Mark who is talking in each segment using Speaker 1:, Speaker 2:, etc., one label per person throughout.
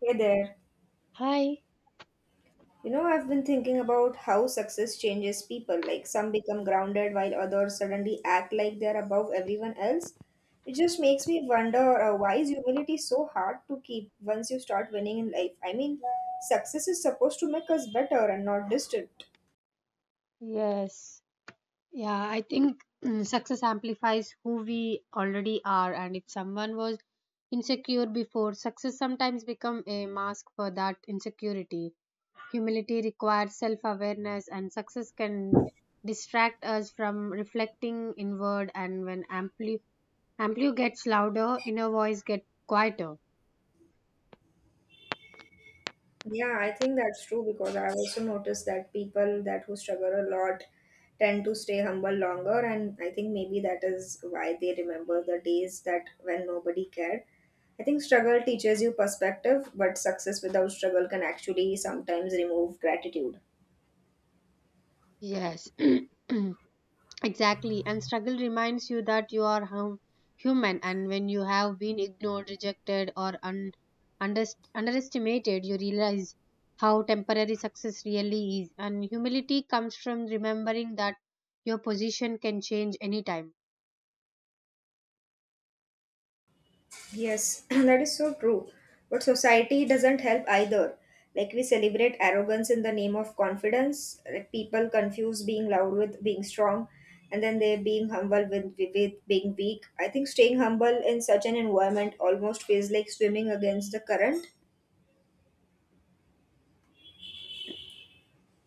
Speaker 1: Hey there.
Speaker 2: Hi.
Speaker 1: You know, I've been thinking about how success changes people. Like, some become grounded while others suddenly act like they're above everyone else. It just makes me wonder, why is humility so hard to keep once you start winning in life? I mean, success is supposed to make us better and not distant.
Speaker 2: Yes. Yeah, I think success amplifies who we already are, and if someone was insecure before, success sometimes become a mask for that insecurity. Humility requires self-awareness and success can distract us from reflecting inward, and when amplio gets louder, inner voice get quieter.
Speaker 1: Yeah, I think that's true because I've also noticed that people that who struggle a lot tend to stay humble longer, and I think maybe that is why they remember the days that when nobody cared. I think struggle teaches you perspective, but success without struggle can actually sometimes remove gratitude.
Speaker 2: Yes. Exactly, and struggle reminds you that you are human, and when you have been ignored, rejected, or underestimated, you realize how temporary success really is. And humility comes from remembering that your position can change anytime.
Speaker 1: Yes, that is so true. But society doesn't help either. Like, we celebrate arrogance in the name of confidence. Like, people confuse being loud with being strong, and then they being humble with being weak. I think staying humble in such an environment almost feels like swimming against the current.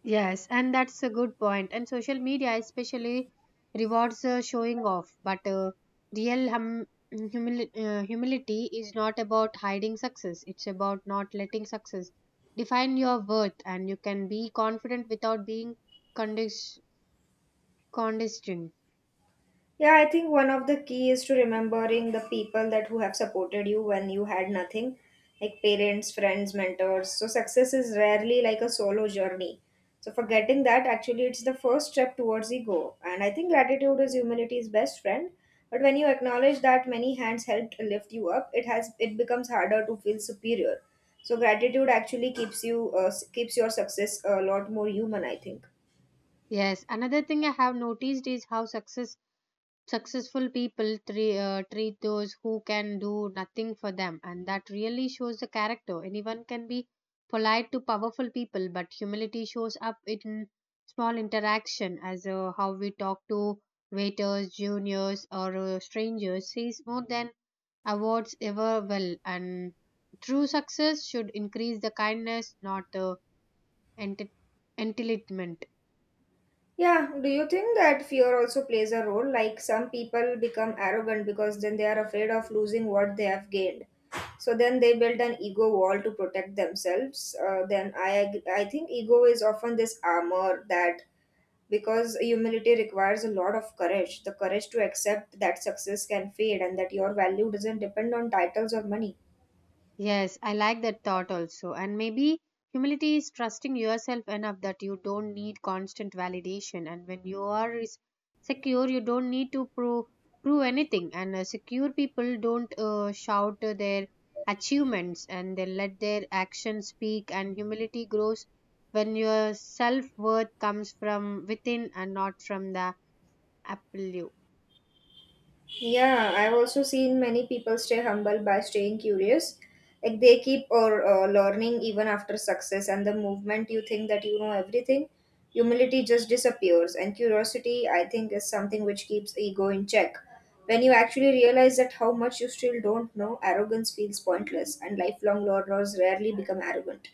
Speaker 2: Yes, and that's a good point. And social media especially rewards showing off, but real humility is not about hiding success. It's about not letting success define your worth, and you can be confident without being condis- condescending.
Speaker 1: Yeah, I think one of the key is to remembering the people that who have supported you when you had nothing, like parents, friends, mentors. So success is rarely like a solo journey. So forgetting that actually it's the first step towards the goal. And I think gratitude is humanity's best friend. But when you acknowledge that many hands helped lift you up, it has it becomes harder to feel superior. So gratitude actually keeps you keeps your success a lot more human, I think.
Speaker 2: Yes, another thing I have noticed is how successful people treat those who can do nothing for them, and that really shows the character. Anyone can be polite to powerful people, but humility shows up in small interaction, as how we talk to waiters, juniors, or strangers says more than awards ever will. And true success should increase the kindness, not the enti- entitlement.
Speaker 1: Yeah, do you think that fear also plays a role? Like, some people become arrogant because then they are afraid of losing what they have gained. So then they build an ego wall to protect themselves. I think ego is often this armor that because humility requires a lot of courage, the courage to accept that success can fade and that your value doesn't depend on titles or money.
Speaker 2: Yes, I like that thought also. And maybe humility is trusting yourself enough that you don't need constant validation. And when you are secure, you don't need to prove anything. And secure people don't shout their achievements, and they let their actions speak. And humility grows when your self worth comes from within and not from the apple.
Speaker 1: Yeah, I've also seen many people stay humble by staying curious. Like, they keep or learning even after success, and the movement you think that you know everything, humility just disappears. And curiosity, I think, is something which keeps ego in check. When you actually realize that how much you still don't know, arrogance feels pointless, and lifelong learners rarely become arrogant.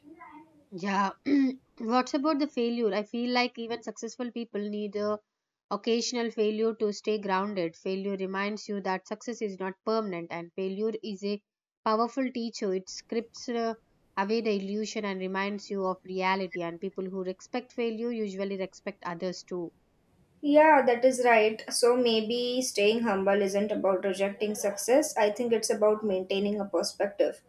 Speaker 2: Yeah. What's about the failure? I feel like even successful people need a occasional failure to stay grounded. Failure reminds you that success is not permanent, and failure is a powerful teacher. It scripts away the illusion and reminds you of reality, and people who respect failure usually respect others too.
Speaker 1: Yeah, that is right. So maybe staying humble isn't about rejecting success. I think it's about maintaining a perspective.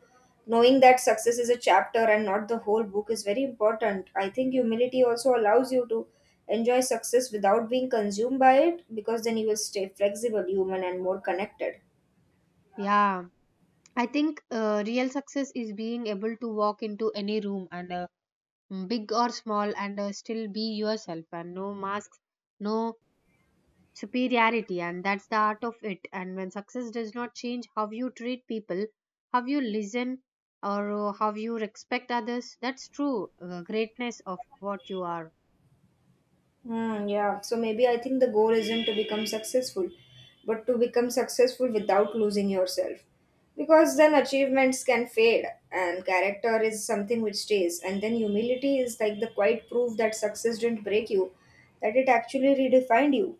Speaker 1: Knowing that success is a chapter and not the whole book is very important. I think humility also allows you to enjoy success without being consumed by it because then you will stay flexible, human, and more connected.
Speaker 2: Yeah. I think real success is being able to walk into any room, and big or small, and still be yourself, and no masks, no superiority, and that's the art of it. And when success does not change how you treat people, how you listen, or how you respect others, that's true greatness of what you are.
Speaker 1: Hmm, yeah, so maybe I think the goal isn't to become successful, but to become successful without losing yourself. Because then achievements can fade, and character is something which stays. And then humility is like the quiet proof that success didn't break you, that it actually redefined you.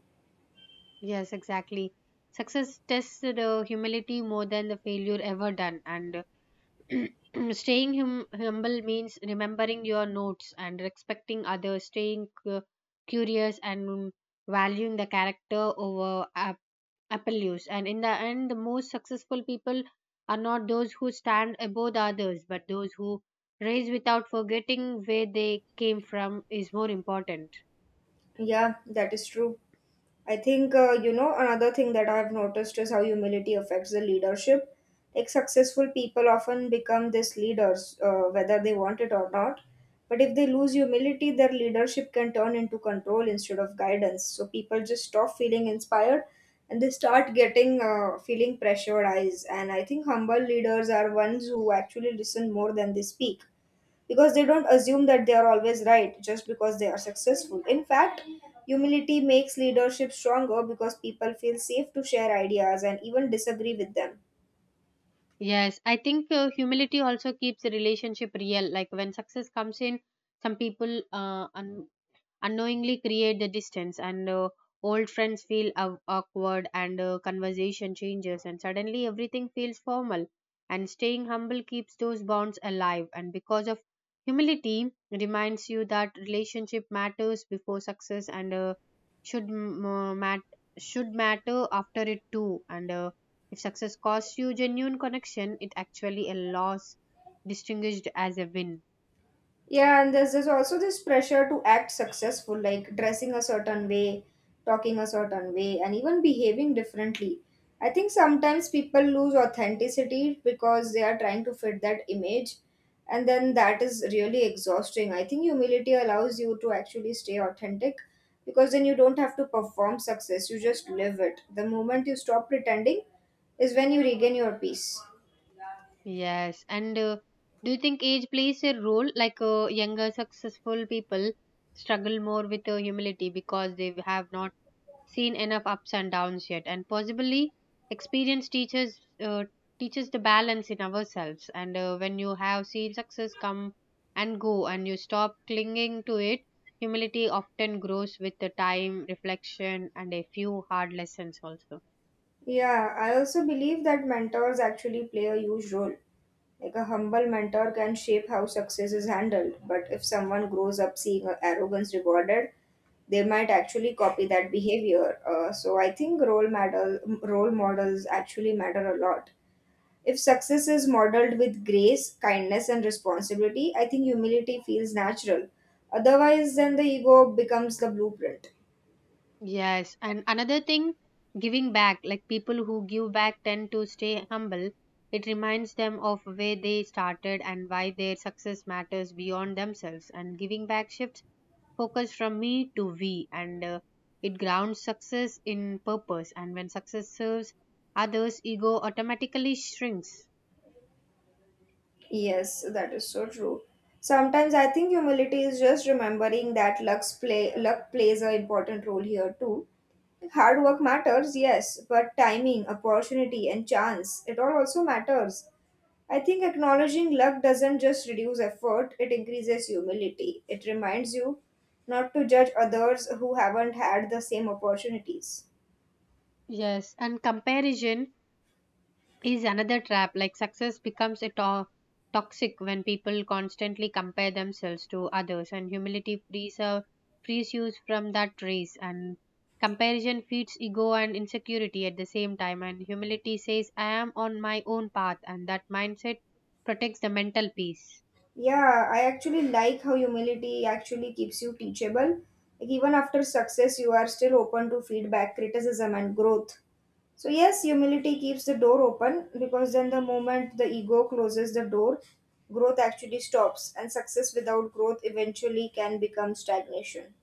Speaker 2: Yes, exactly. Success tests the humility more than the failure ever done. And staying humble means remembering your notes and respecting others, staying curious, and valuing the character over apple use. And in the end, the most successful people are not those who stand above the others, but those who raise without forgetting where they came from is more important.
Speaker 1: Yeah, that is true. I think, you know, another thing that I've noticed is how humility affects the leadership. Like, successful people often become these leaders, whether they want it or not. But if they lose humility, their leadership can turn into control instead of guidance. So people just stop feeling inspired and they start getting feeling pressurized. And I think humble leaders are ones who actually listen more than they speak because they don't assume that they are always right just because they are successful. In fact, humility makes leadership stronger because people feel safe to share ideas and even disagree with them.
Speaker 2: Yes, I think humility also keeps the relationship real. Like when success comes in, some people unknowingly create the distance, and old friends feel awkward, and conversation changes and suddenly everything feels formal, and staying humble keeps those bonds alive. And because of humility, reminds you that relationship matters before success, and should matter after it too. And if success costs you genuine connection, it actually a loss distinguished as a win.
Speaker 1: Yeah, and there's also this pressure to act successful, like dressing a certain way, talking a certain way, and even behaving differently. I think sometimes people lose authenticity because they are trying to fit that image, and then that is really exhausting. I think humility allows you to actually stay authentic because then you don't have to perform success, you just live it. The moment you stop pretending is when you regain your peace.
Speaker 2: Yes, and do you think age plays a role? Like younger, successful people struggle more with humility because they have not seen enough ups and downs yet, and possibly experience teaches teaches the balance in ourselves. And when you have seen success come and go, and you stop clinging to it, humility often grows with the time, reflection, and a few hard lessons also.
Speaker 1: Yeah, I also believe that mentors actually play a huge role. Like a humble mentor can shape how success is handled, but if someone grows up seeing arrogance rewarded, they might actually copy that behavior. So I think role models actually matter a lot. If success is modeled with grace, kindness, and responsibility, I think humility feels natural. Otherwise, then the ego becomes the blueprint.
Speaker 2: Yes, and another thing, giving back. Like people who give back tend to stay humble. It reminds them of where they started and why their success matters beyond themselves. And giving back shifts focus from me to we, and it grounds success in purpose. And when success serves others, ego automatically shrinks.
Speaker 1: Yes, that is so true. Sometimes I think humility is just remembering that luck plays an important role here too. Hard work matters, yes, but timing, opportunity, and chance, it all also matters. I think acknowledging luck doesn't just reduce effort, it increases humility. It reminds you not to judge others who haven't had the same opportunities.
Speaker 2: Yes, and comparison is another trap. Like success becomes a toxic when people constantly compare themselves to others, and humility frees you from that race. And comparison feeds ego and insecurity at the same time, and humility says I am on my own path, and that mindset protects the mental peace.
Speaker 1: Yeah, I actually like how humility actually keeps you teachable. Like, even after success, you are still open to feedback, criticism, and growth. So, yes, humility keeps the door open because then the moment the ego closes the door, growth actually stops, and success without growth eventually can become stagnation.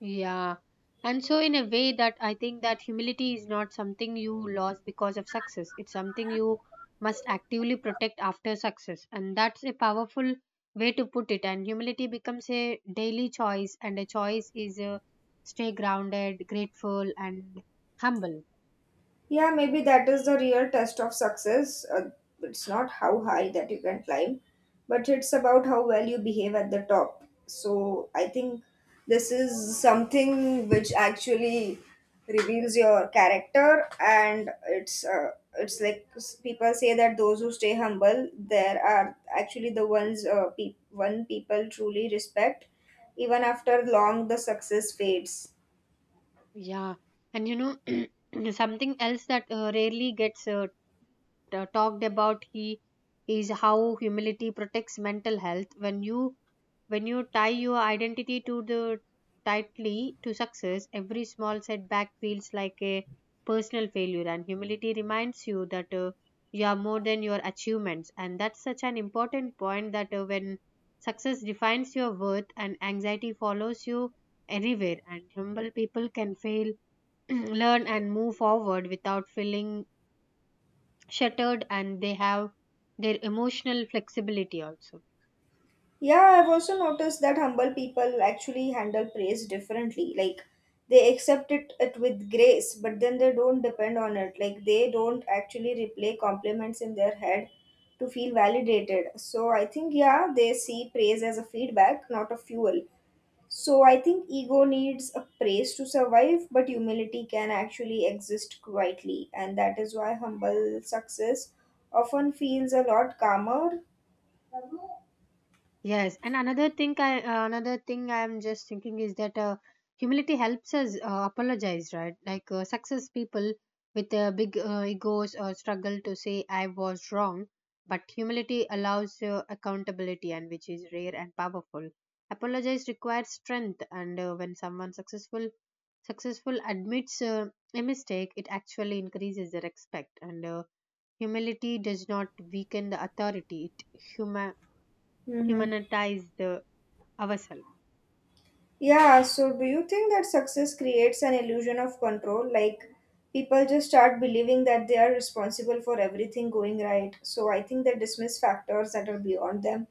Speaker 2: Yeah. And so, in a way, that I think that humility is not something you lost because of success. It's something you must actively protect after success. And that's a powerful way to put it. And humility becomes a daily choice, and a choice is stay grounded, grateful, and humble.
Speaker 1: Yeah, maybe that is the real test of success. It's not how high that you can climb, but it's about how well you behave at the top. So I think this is something which actually reveals your character, and it's like people say that those who stay humble, there are actually the ones pe- one people truly respect, even after long the success fades.
Speaker 2: Yeah. And something else that rarely gets talked about he is how humility protects mental health. When you tie your identity to the tightly to success, every small setback feels like a personal failure, and humility reminds you that you are more than your achievements. And that's such an important point, that when success defines your worth, and anxiety follows you anywhere. And humble people can fail, learn, and move forward without feeling shattered, and they have their emotional flexibility also.
Speaker 1: Yeah, I've also noticed that humble people actually handle praise differently. Like, they accept it with grace, but then they don't depend on it. Like, they don't actually replay compliments in their head to feel validated. So I think, yeah, they see praise as a feedback, not a fuel. So I think ego needs a praise to survive, but humility can actually exist quietly. And that is why humble success often feels a lot calmer.
Speaker 2: Yes, and another thing I'm just thinking is that humility helps us apologize, right? Like success people with big egos struggle to say I was wrong, but humility allows accountability, and which is rare and powerful. Apologize requires strength, and when someone successful admits a mistake, it actually increases the respect. And humility does not weaken the authority, it
Speaker 1: Mm-hmm.
Speaker 2: humanitize the ourselves.
Speaker 1: Yeah, so do you think that success creates an illusion of control? Like, people just start believing that they are responsible for everything going right. So I think they dismiss factors that are beyond them.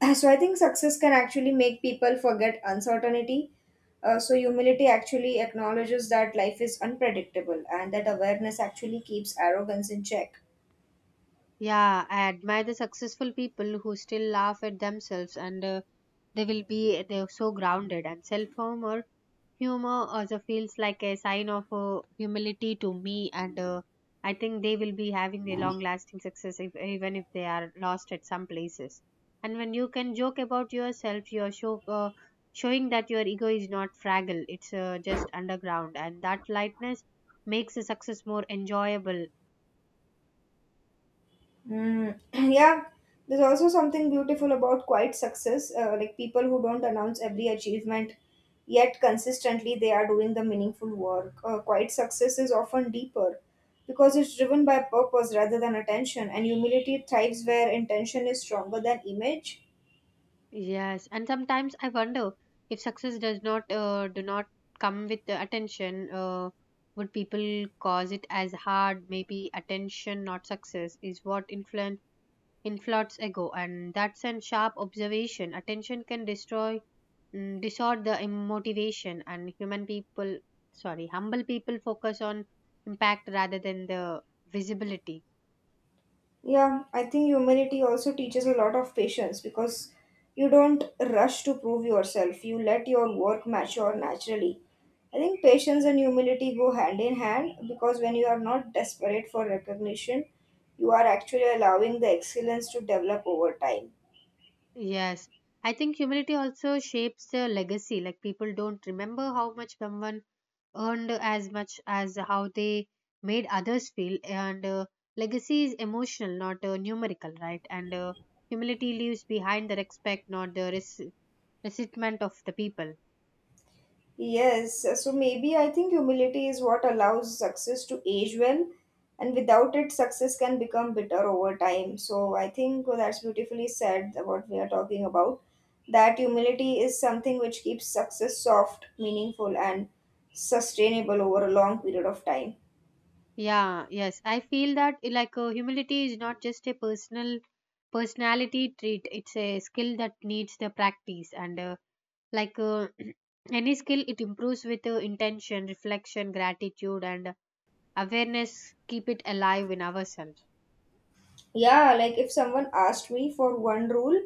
Speaker 1: So I think success can actually make people forget uncertainty. So humility actually acknowledges that life is unpredictable and that awareness actually keeps arrogance in check.
Speaker 2: Yeah, I admire the successful people who still laugh at themselves, and they will be they're so grounded. And self humor also feels like a sign of humility to me. And I think they will be having a long lasting success, if, even if they are lost at some places. And when you can joke about yourself, you are showing that your ego is not fragile; it's just underground, and that lightness makes the success more enjoyable.
Speaker 1: Mm, yeah, there's also something beautiful about quiet success, like people who don't announce every achievement, yet consistently they are doing the meaningful work. Quiet success is often deeper because it's driven by purpose rather than attention, and humility thrives where intention is stronger than image.
Speaker 2: Yes, and sometimes I wonder if success does not do not come with the attention, would people cause it as hard? Maybe attention, not success, is what influenced ego, and that's a sharp observation. Attention can destroy, distort the motivation, and humble people focus on impact rather than the visibility.
Speaker 1: Yeah, I think humility also teaches a lot of patience because you don't rush to prove yourself. You let your work mature naturally. I think patience and humility go hand in hand because when you are not desperate for recognition, you are actually allowing the excellence to develop over time.
Speaker 2: Yes, I think humility also shapes the legacy. Like people don't remember how much someone earned as much as how they made others feel. And legacy is emotional, not numerical, right? And humility leaves behind the respect, not the resentment of the people.
Speaker 1: Yes, so maybe I think humility is what allows success to age well, and without it, success can become bitter over time. So I think that's beautifully said what we are talking about. That humility is something which keeps success soft, meaningful, and sustainable over a long period of time.
Speaker 2: Yeah, yes, I feel that like humility is not just a personality trait; it's a skill that needs the practice. And like any skill, it improves with intention, reflection, gratitude, and awareness. Keep it alive in ourselves.
Speaker 1: Yeah, like, if someone asked me for one rule,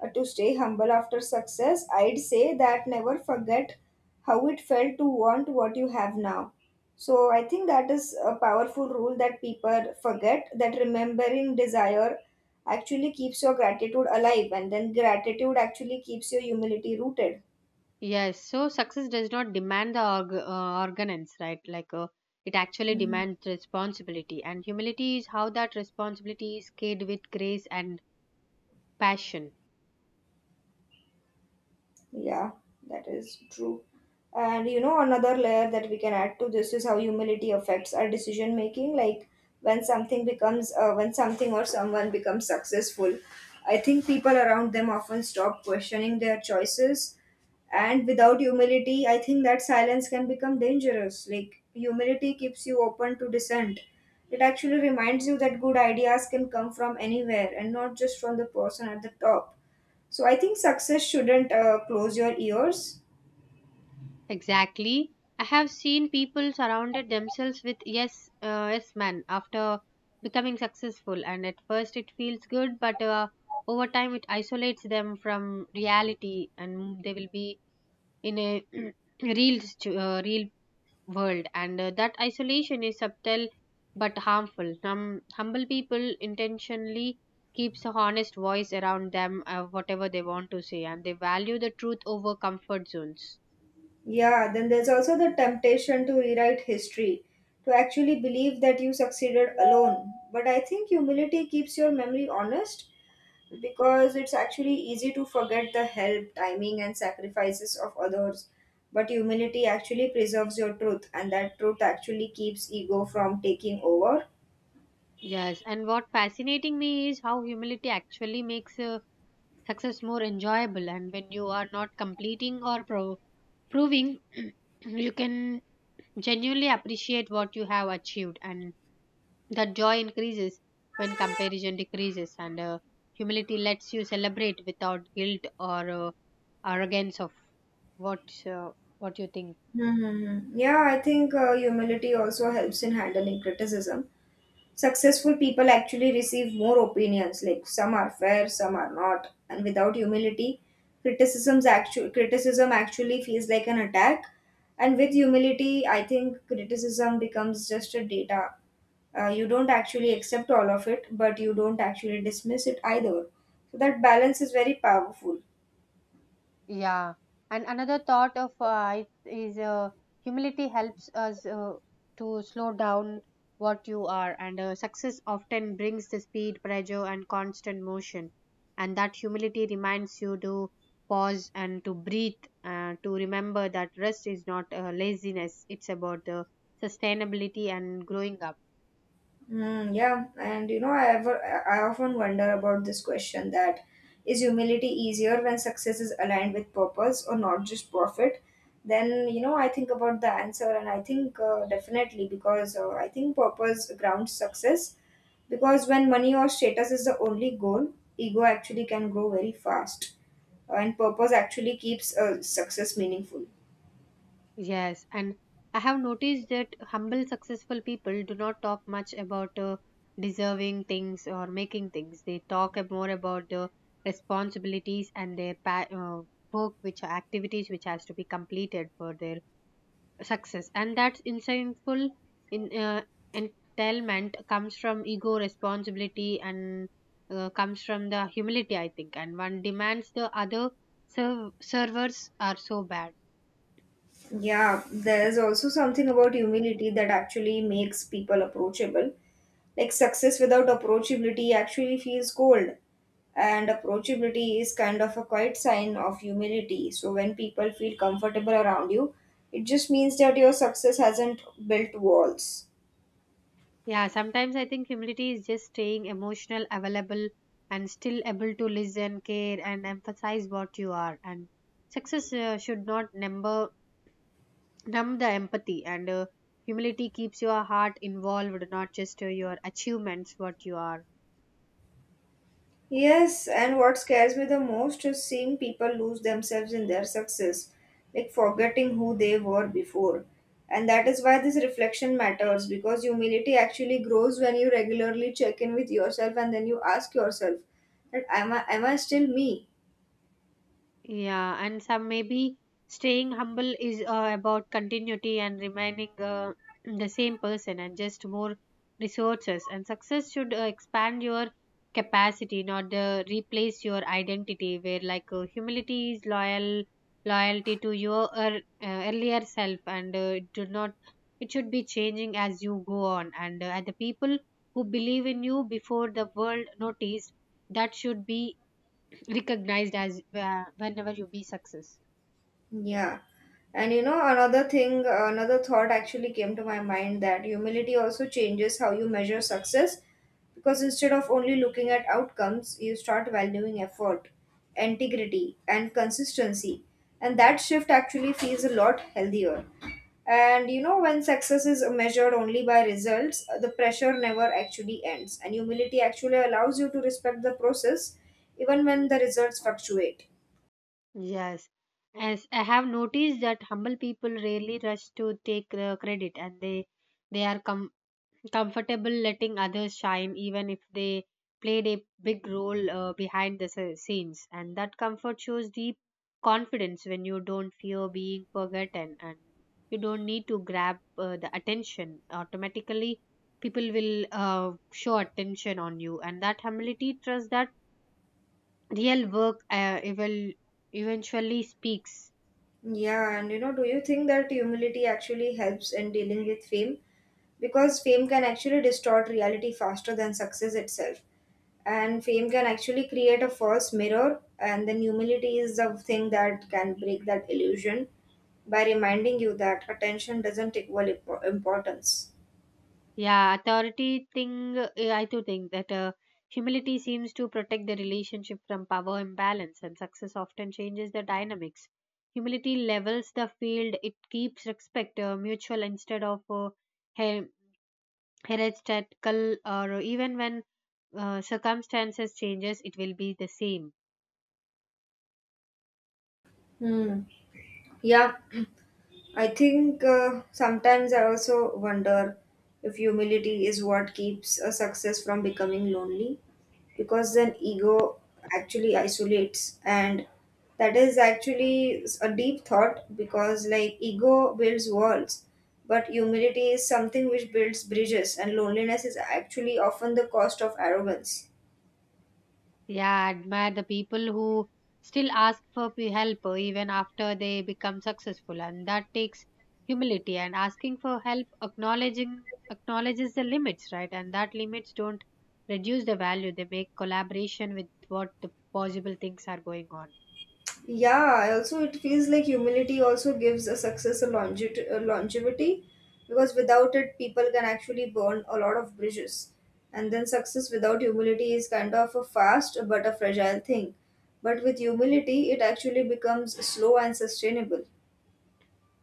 Speaker 1: to stay humble after success, I'd say that never forget how it felt to want what you have now. So I think that is a powerful rule that people forget, that remembering desire actually keeps your gratitude alive, and then gratitude actually keeps your humility rooted.
Speaker 2: Yes, so success does not demand the organance, right? Like it actually
Speaker 1: Mhm.
Speaker 2: demands responsibility, and humility is how that responsibility is carried with grace and passion.
Speaker 1: Yeah, that is true. And you know, another layer that we can add to this is how humility affects our decision making. Like, when something or someone becomes successful, I think people around them often stop questioning their choices. And without humility, I think that silence can become dangerous. Like, humility keeps you open to dissent. It actually reminds you that good ideas can come from anywhere and not just from the person at the top, so I think success shouldn't close your ears.
Speaker 2: Exactly. I have seen people surrounded themselves with yes men after becoming successful, and at first it feels good, but over time it isolates them from reality, and they will be in a real world. And that isolation is subtle but harmful. Some humble people intentionally keeps a honest voice around them, whatever they want to say, and they value the truth over comfort zones.
Speaker 1: Yeah, then there's also the temptation to rewrite history, to actually believe that you succeeded alone. But I think humility keeps your memory honest because it's actually easy to forget the help, timing, and sacrifices of others. But humility actually preserves your truth, and that truth actually keeps ego from taking over.
Speaker 2: Yes, and what fascinating me is how humility actually makes success more enjoyable. And when you are not completing or proving, you can genuinely appreciate what you have achieved, and that joy increases when comparison decreases. And humility lets you celebrate without guilt or arrogance. Of what uh, what you think?
Speaker 1: Hmm, yeah, I think, humility also helps in handling criticism. Successful people actually receive more opinions, like some are fair, some are not, and without humility, criticism actually feels like an attack. And with humility, I think criticism becomes just a data. You don't actually accept all of it, but you don't actually dismiss it either. So that balance is very powerful.
Speaker 2: Yeah, and another thought of is humility helps us to slow down what you are, and success often brings the speed, pressure, and constant motion. And that humility reminds you to pause and to breathe, to remember that rest is not laziness; it's about the sustainability and growing up.
Speaker 1: Yeah, and you know, I ever I often wonder about this question that is humility easier when success is aligned with purpose or not just profit? Then you know, I think about the answer, and I think definitely because I think purpose grounds success. Because when money or status is the only goal, ego actually can grow very fast, and purpose actually keeps success meaningful.
Speaker 2: Yes, and I have noticed that humble, successful people do not talk much about deserving things or making things. They talk more about the responsibilities and their work, which are activities which has to be completed for their success. And that insightful in entitlement comes from ego, responsibility, and comes from the humility, I think. And one demands the other servers are so bad.
Speaker 1: Yeah, there is also something about humility that actually makes people approachable. Like success without approachability actually feels cold, and approachability is kind of a quiet sign of humility. So when people feel comfortable around you, it just means that your success hasn't built walls.
Speaker 2: Yeah, sometimes I think humility is just staying emotional, available, and still able to listen, care, and emphasize what you are. And success should not numb the empathy. And humility keeps your heart involved, not just your achievements, what you are
Speaker 1: Yes,
Speaker 2: focused.
Speaker 1: and what scares me the most is seeing people lose themselves in their success, like forgetting who they were before. And that is why this reflection matters because humility actually grows when you regularly check in with yourself and then you ask yourself that am I still me?
Speaker 2: Yeah, and some maybe staying humble is about continuity and remaining the same person and just more resources. And success should expand your capacity, not replace your identity. Where humility is loyalty to your earlier self, and it do not it should be changing as you go on. And the people who believe in you before the world noticed that should be recognized as, whenever you be success.
Speaker 1: Yeah. And you know, another thing, another thought actually came to my mind that humility also changes how you measure success because instead of only looking at outcomes, you start valuing effort, integrity, and consistency. And that shift actually feels a lot healthier. And you know, when success is measured only by results, the pressure never actually ends. And humility actually allows you to respect the process even when the results fluctuate.
Speaker 2: Yes. As I have noticed that humble people rarely rush to take the credit, and they comfortable letting others shine even if they played a big role behind the scenes, and that comfort shows deep confidence. When you don't fear being forgotten and you don't need to grab the attention, automatically people will, show attention on you, and that humility trust that real work evil eventually speaks.
Speaker 1: Yeah, and you know, do you think that humility actually helps in dealing with fame? Because fame can actually distort reality faster than success itself. And fame can actually create a false mirror, and then humility is the thing that can break that illusion by reminding you that attention doesn't equal importance.
Speaker 2: Yeah, authority thing, I too think that humility seems to protect the relationship from power imbalance, and success often changes the dynamics. Humility levels the field. It keeps respect mutual instead of, her- heretical, or even when circumstances changes, it will be the same.
Speaker 1: Hmm. Yeah, I think sometimes I also wonder if humility is what keeps a success from becoming lonely because then ego actually isolates, and that is actually a deep thought because like ego builds walls but humility is something which builds bridges, and loneliness is actually often the cost of arrogance.
Speaker 2: Yeah, I admire the people who still ask for help even after they become successful, and that takes humility. And asking for help, acknowledging acknowledges the limits, right? And that limits don't reduce the value; they make collaboration with what the possible things are going on.
Speaker 1: Yeah, also it feels like humility also gives a success a longevity, a longevity, because without it, people can actually burn a lot of bridges. And then success without humility is kind of a fast but a fragile thing. But with humility, it actually becomes slow and sustainable.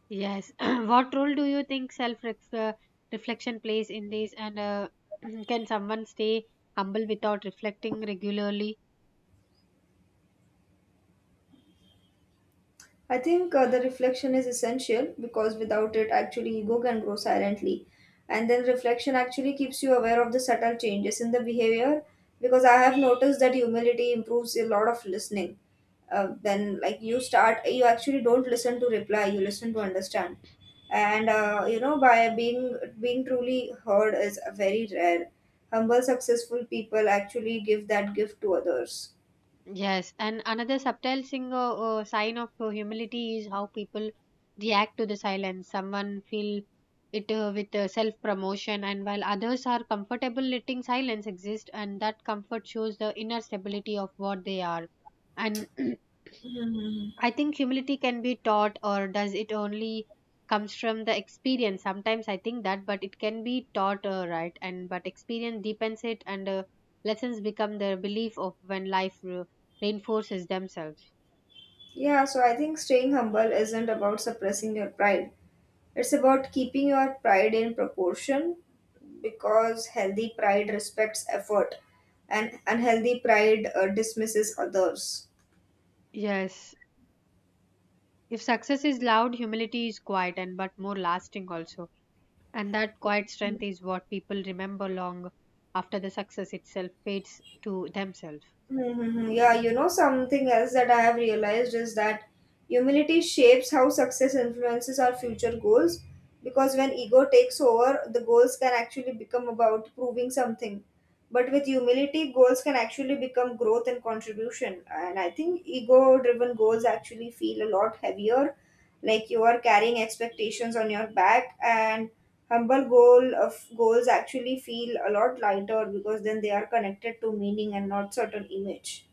Speaker 2: Yes. What role do you think self uh, reflection plays in this? And can someone stay humble without reflecting regularly?
Speaker 1: I think the reflection is essential because without it, actually, ego can grow silently. And then reflection actually keeps you aware of the subtle changes in the behavior because I have noticed that humility improves a lot of listening. Then, like, you start, you actually don't listen to reply, you listen to understand. And, you know, by being truly heard is very rare. Humble, successful people actually give that gift to others.
Speaker 2: Yes, and another subtle single sign of humility is how people react to the silence. Someone feel it, with self promotion, and while others are comfortable letting silence exist, and that comfort shows the inner stability of what they are. And
Speaker 1: Mhm.
Speaker 2: I think humility can be taught, or does it only comes from the experience? Sometimes I think that, but it can be taught, right? And but experience deepens it, and lessons become the belief of when life reinforces themselves.
Speaker 1: Yeah, so I think staying humble isn't about suppressing your pride. It's about keeping your pride in proportion because healthy pride respects effort and unhealthy pride dismisses others.
Speaker 2: Yes, if success is loud, humility is quiet, and but more lasting also. And that quiet strength is what people remember long after the success itself fades to themselves.
Speaker 1: Mm-hmm. Yeah, you know, something else that I have realized is that humility shapes how success influences our future goals because when ego takes over, the goals can actually become about proving something. But with humility, goals can actually become growth and contribution. And I think ego driven goals actually feel a lot heavier, like you are carrying expectations on your back. And humble goal of goals actually feel a lot lighter because then they are connected to meaning and not certain image.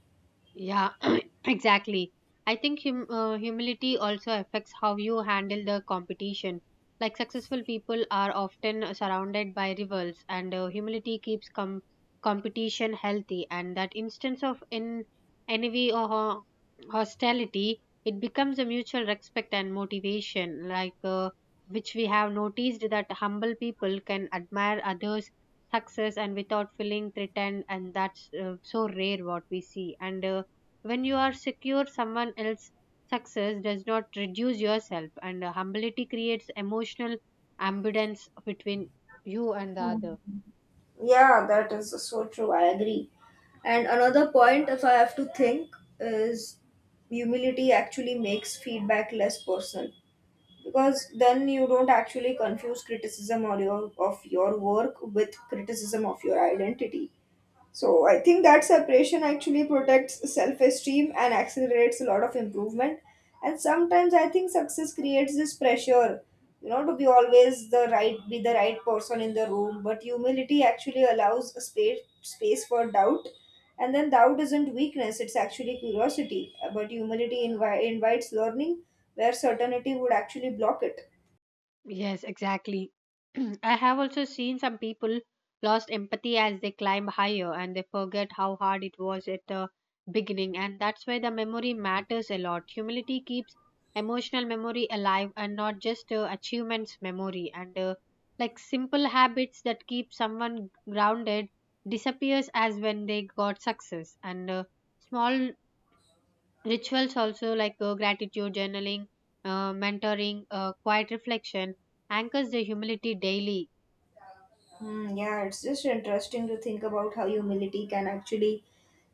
Speaker 2: Yeah, exactly. I think humility also affects how you handle the competition. Like successful people are often surrounded by rivals, and humility keeps competition healthy. And that instance of in envy or, hostility, it becomes a mutual respect and motivation. Which we have noticed that humble people can admire others' success and without feeling threatened, and that's so rare what we see. And when you are secure, someone else's success does not reduce yourself, and humility creates emotional ambulance between you and the other.
Speaker 1: Yeah, that is so true. I agree. And another point, if I have to think, is humility actually makes feedback less personal because then you don't actually confuse criticism or your of your work with criticism of your identity. So I think that separation actually protects self esteem and accelerates a lot of improvement. And sometimes I think success creates this pressure, you know, to be always the right, be the right person in the room. But humility actually allows a space for doubt, and then doubt isn't weakness; it's actually curiosity. But humility invites learning, where certainty would actually block it.
Speaker 2: Yes, exactly. I have also seen some people lost empathy as they climb higher, and they forget how hard it was at the beginning, and that's why the memory matters a lot. Humility keeps emotional memory alive and not just achievements memory, and like simple habits that keep someone grounded disappears as when they got success, and small rituals also like, gratitude, journaling, mentoring, quiet reflection anchors the humility daily.
Speaker 1: Hmm, yeah, it's just interesting to think about how humility can actually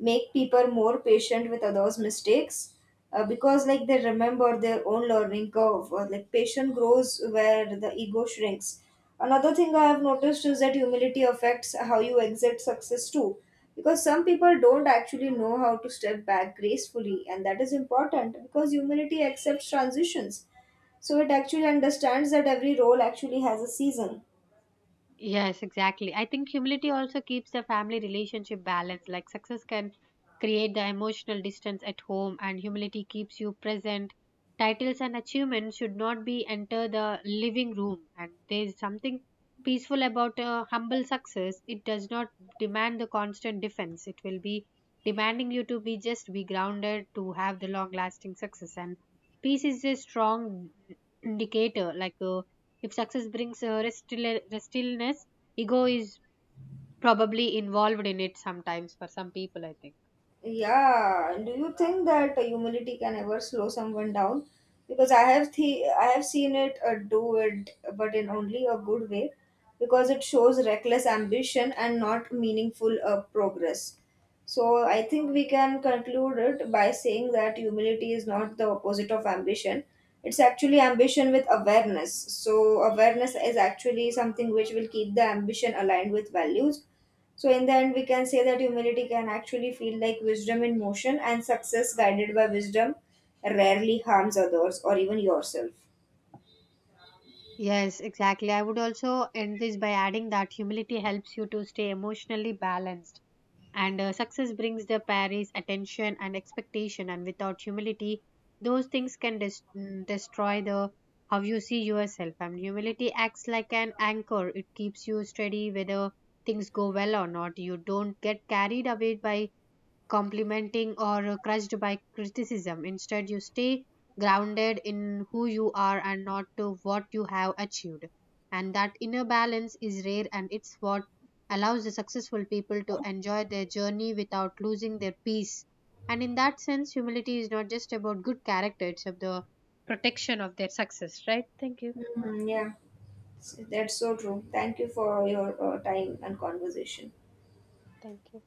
Speaker 1: make people more patient with others' mistakes because, like, they remember their own learning curve. Or, like, patience grows where the ego shrinks. Another thing I have noticed is that humility affects how you exit success too, because some people don't actually know how to step back gracefully, and that is important because humility accepts transitions. So it actually understands that every role actually has a season.
Speaker 2: Yes, exactly. I think humility also keeps the family relationship balanced. Like success can create the emotional distance at home, and humility keeps you present. Titles and achievements should not be enter the living room, and there is something peaceful about a humble success. It does not demand the constant defense. It will be demanding you to be just be grounded to have the long lasting success, and peace is a strong indicator, like a, if success brings restfulness, ego is probably involved in it sometimes for some people, I think.
Speaker 1: Yeah, do you think that humility can ever slow someone down? Because I have seen it do it, but in only a good way, because it shows reckless ambition and not meaningful progress. So I think we can conclude it by saying that humility is not the opposite of ambition. It's actually ambition with awareness. So awareness is actually something which will keep the ambition aligned with values. So in the end, we can say that humility can actually feel like wisdom in motion, and success guided by wisdom rarely harms others or even yourself.
Speaker 2: Yes, exactly. I would also end this by adding that humility helps you to stay emotionally balanced. And success brings the Paris attention and expectation, and without humility, those things can destroy the how you see yourself. And humility acts like an anchor; it keeps you steady whether things go well or not. You don't get carried away by complimenting or crushed by criticism. Instead, you stay grounded in who you are and not to what you have achieved. And that inner balance is rare, and it's what allows the successful people to enjoy their journey without losing their peace. And in that sense, humility is not just about good character, it's about the protection of their success, right? Thank you.
Speaker 1: Mhm, yeah, that's so true. Thank you for your time and conversation.
Speaker 2: Thank you.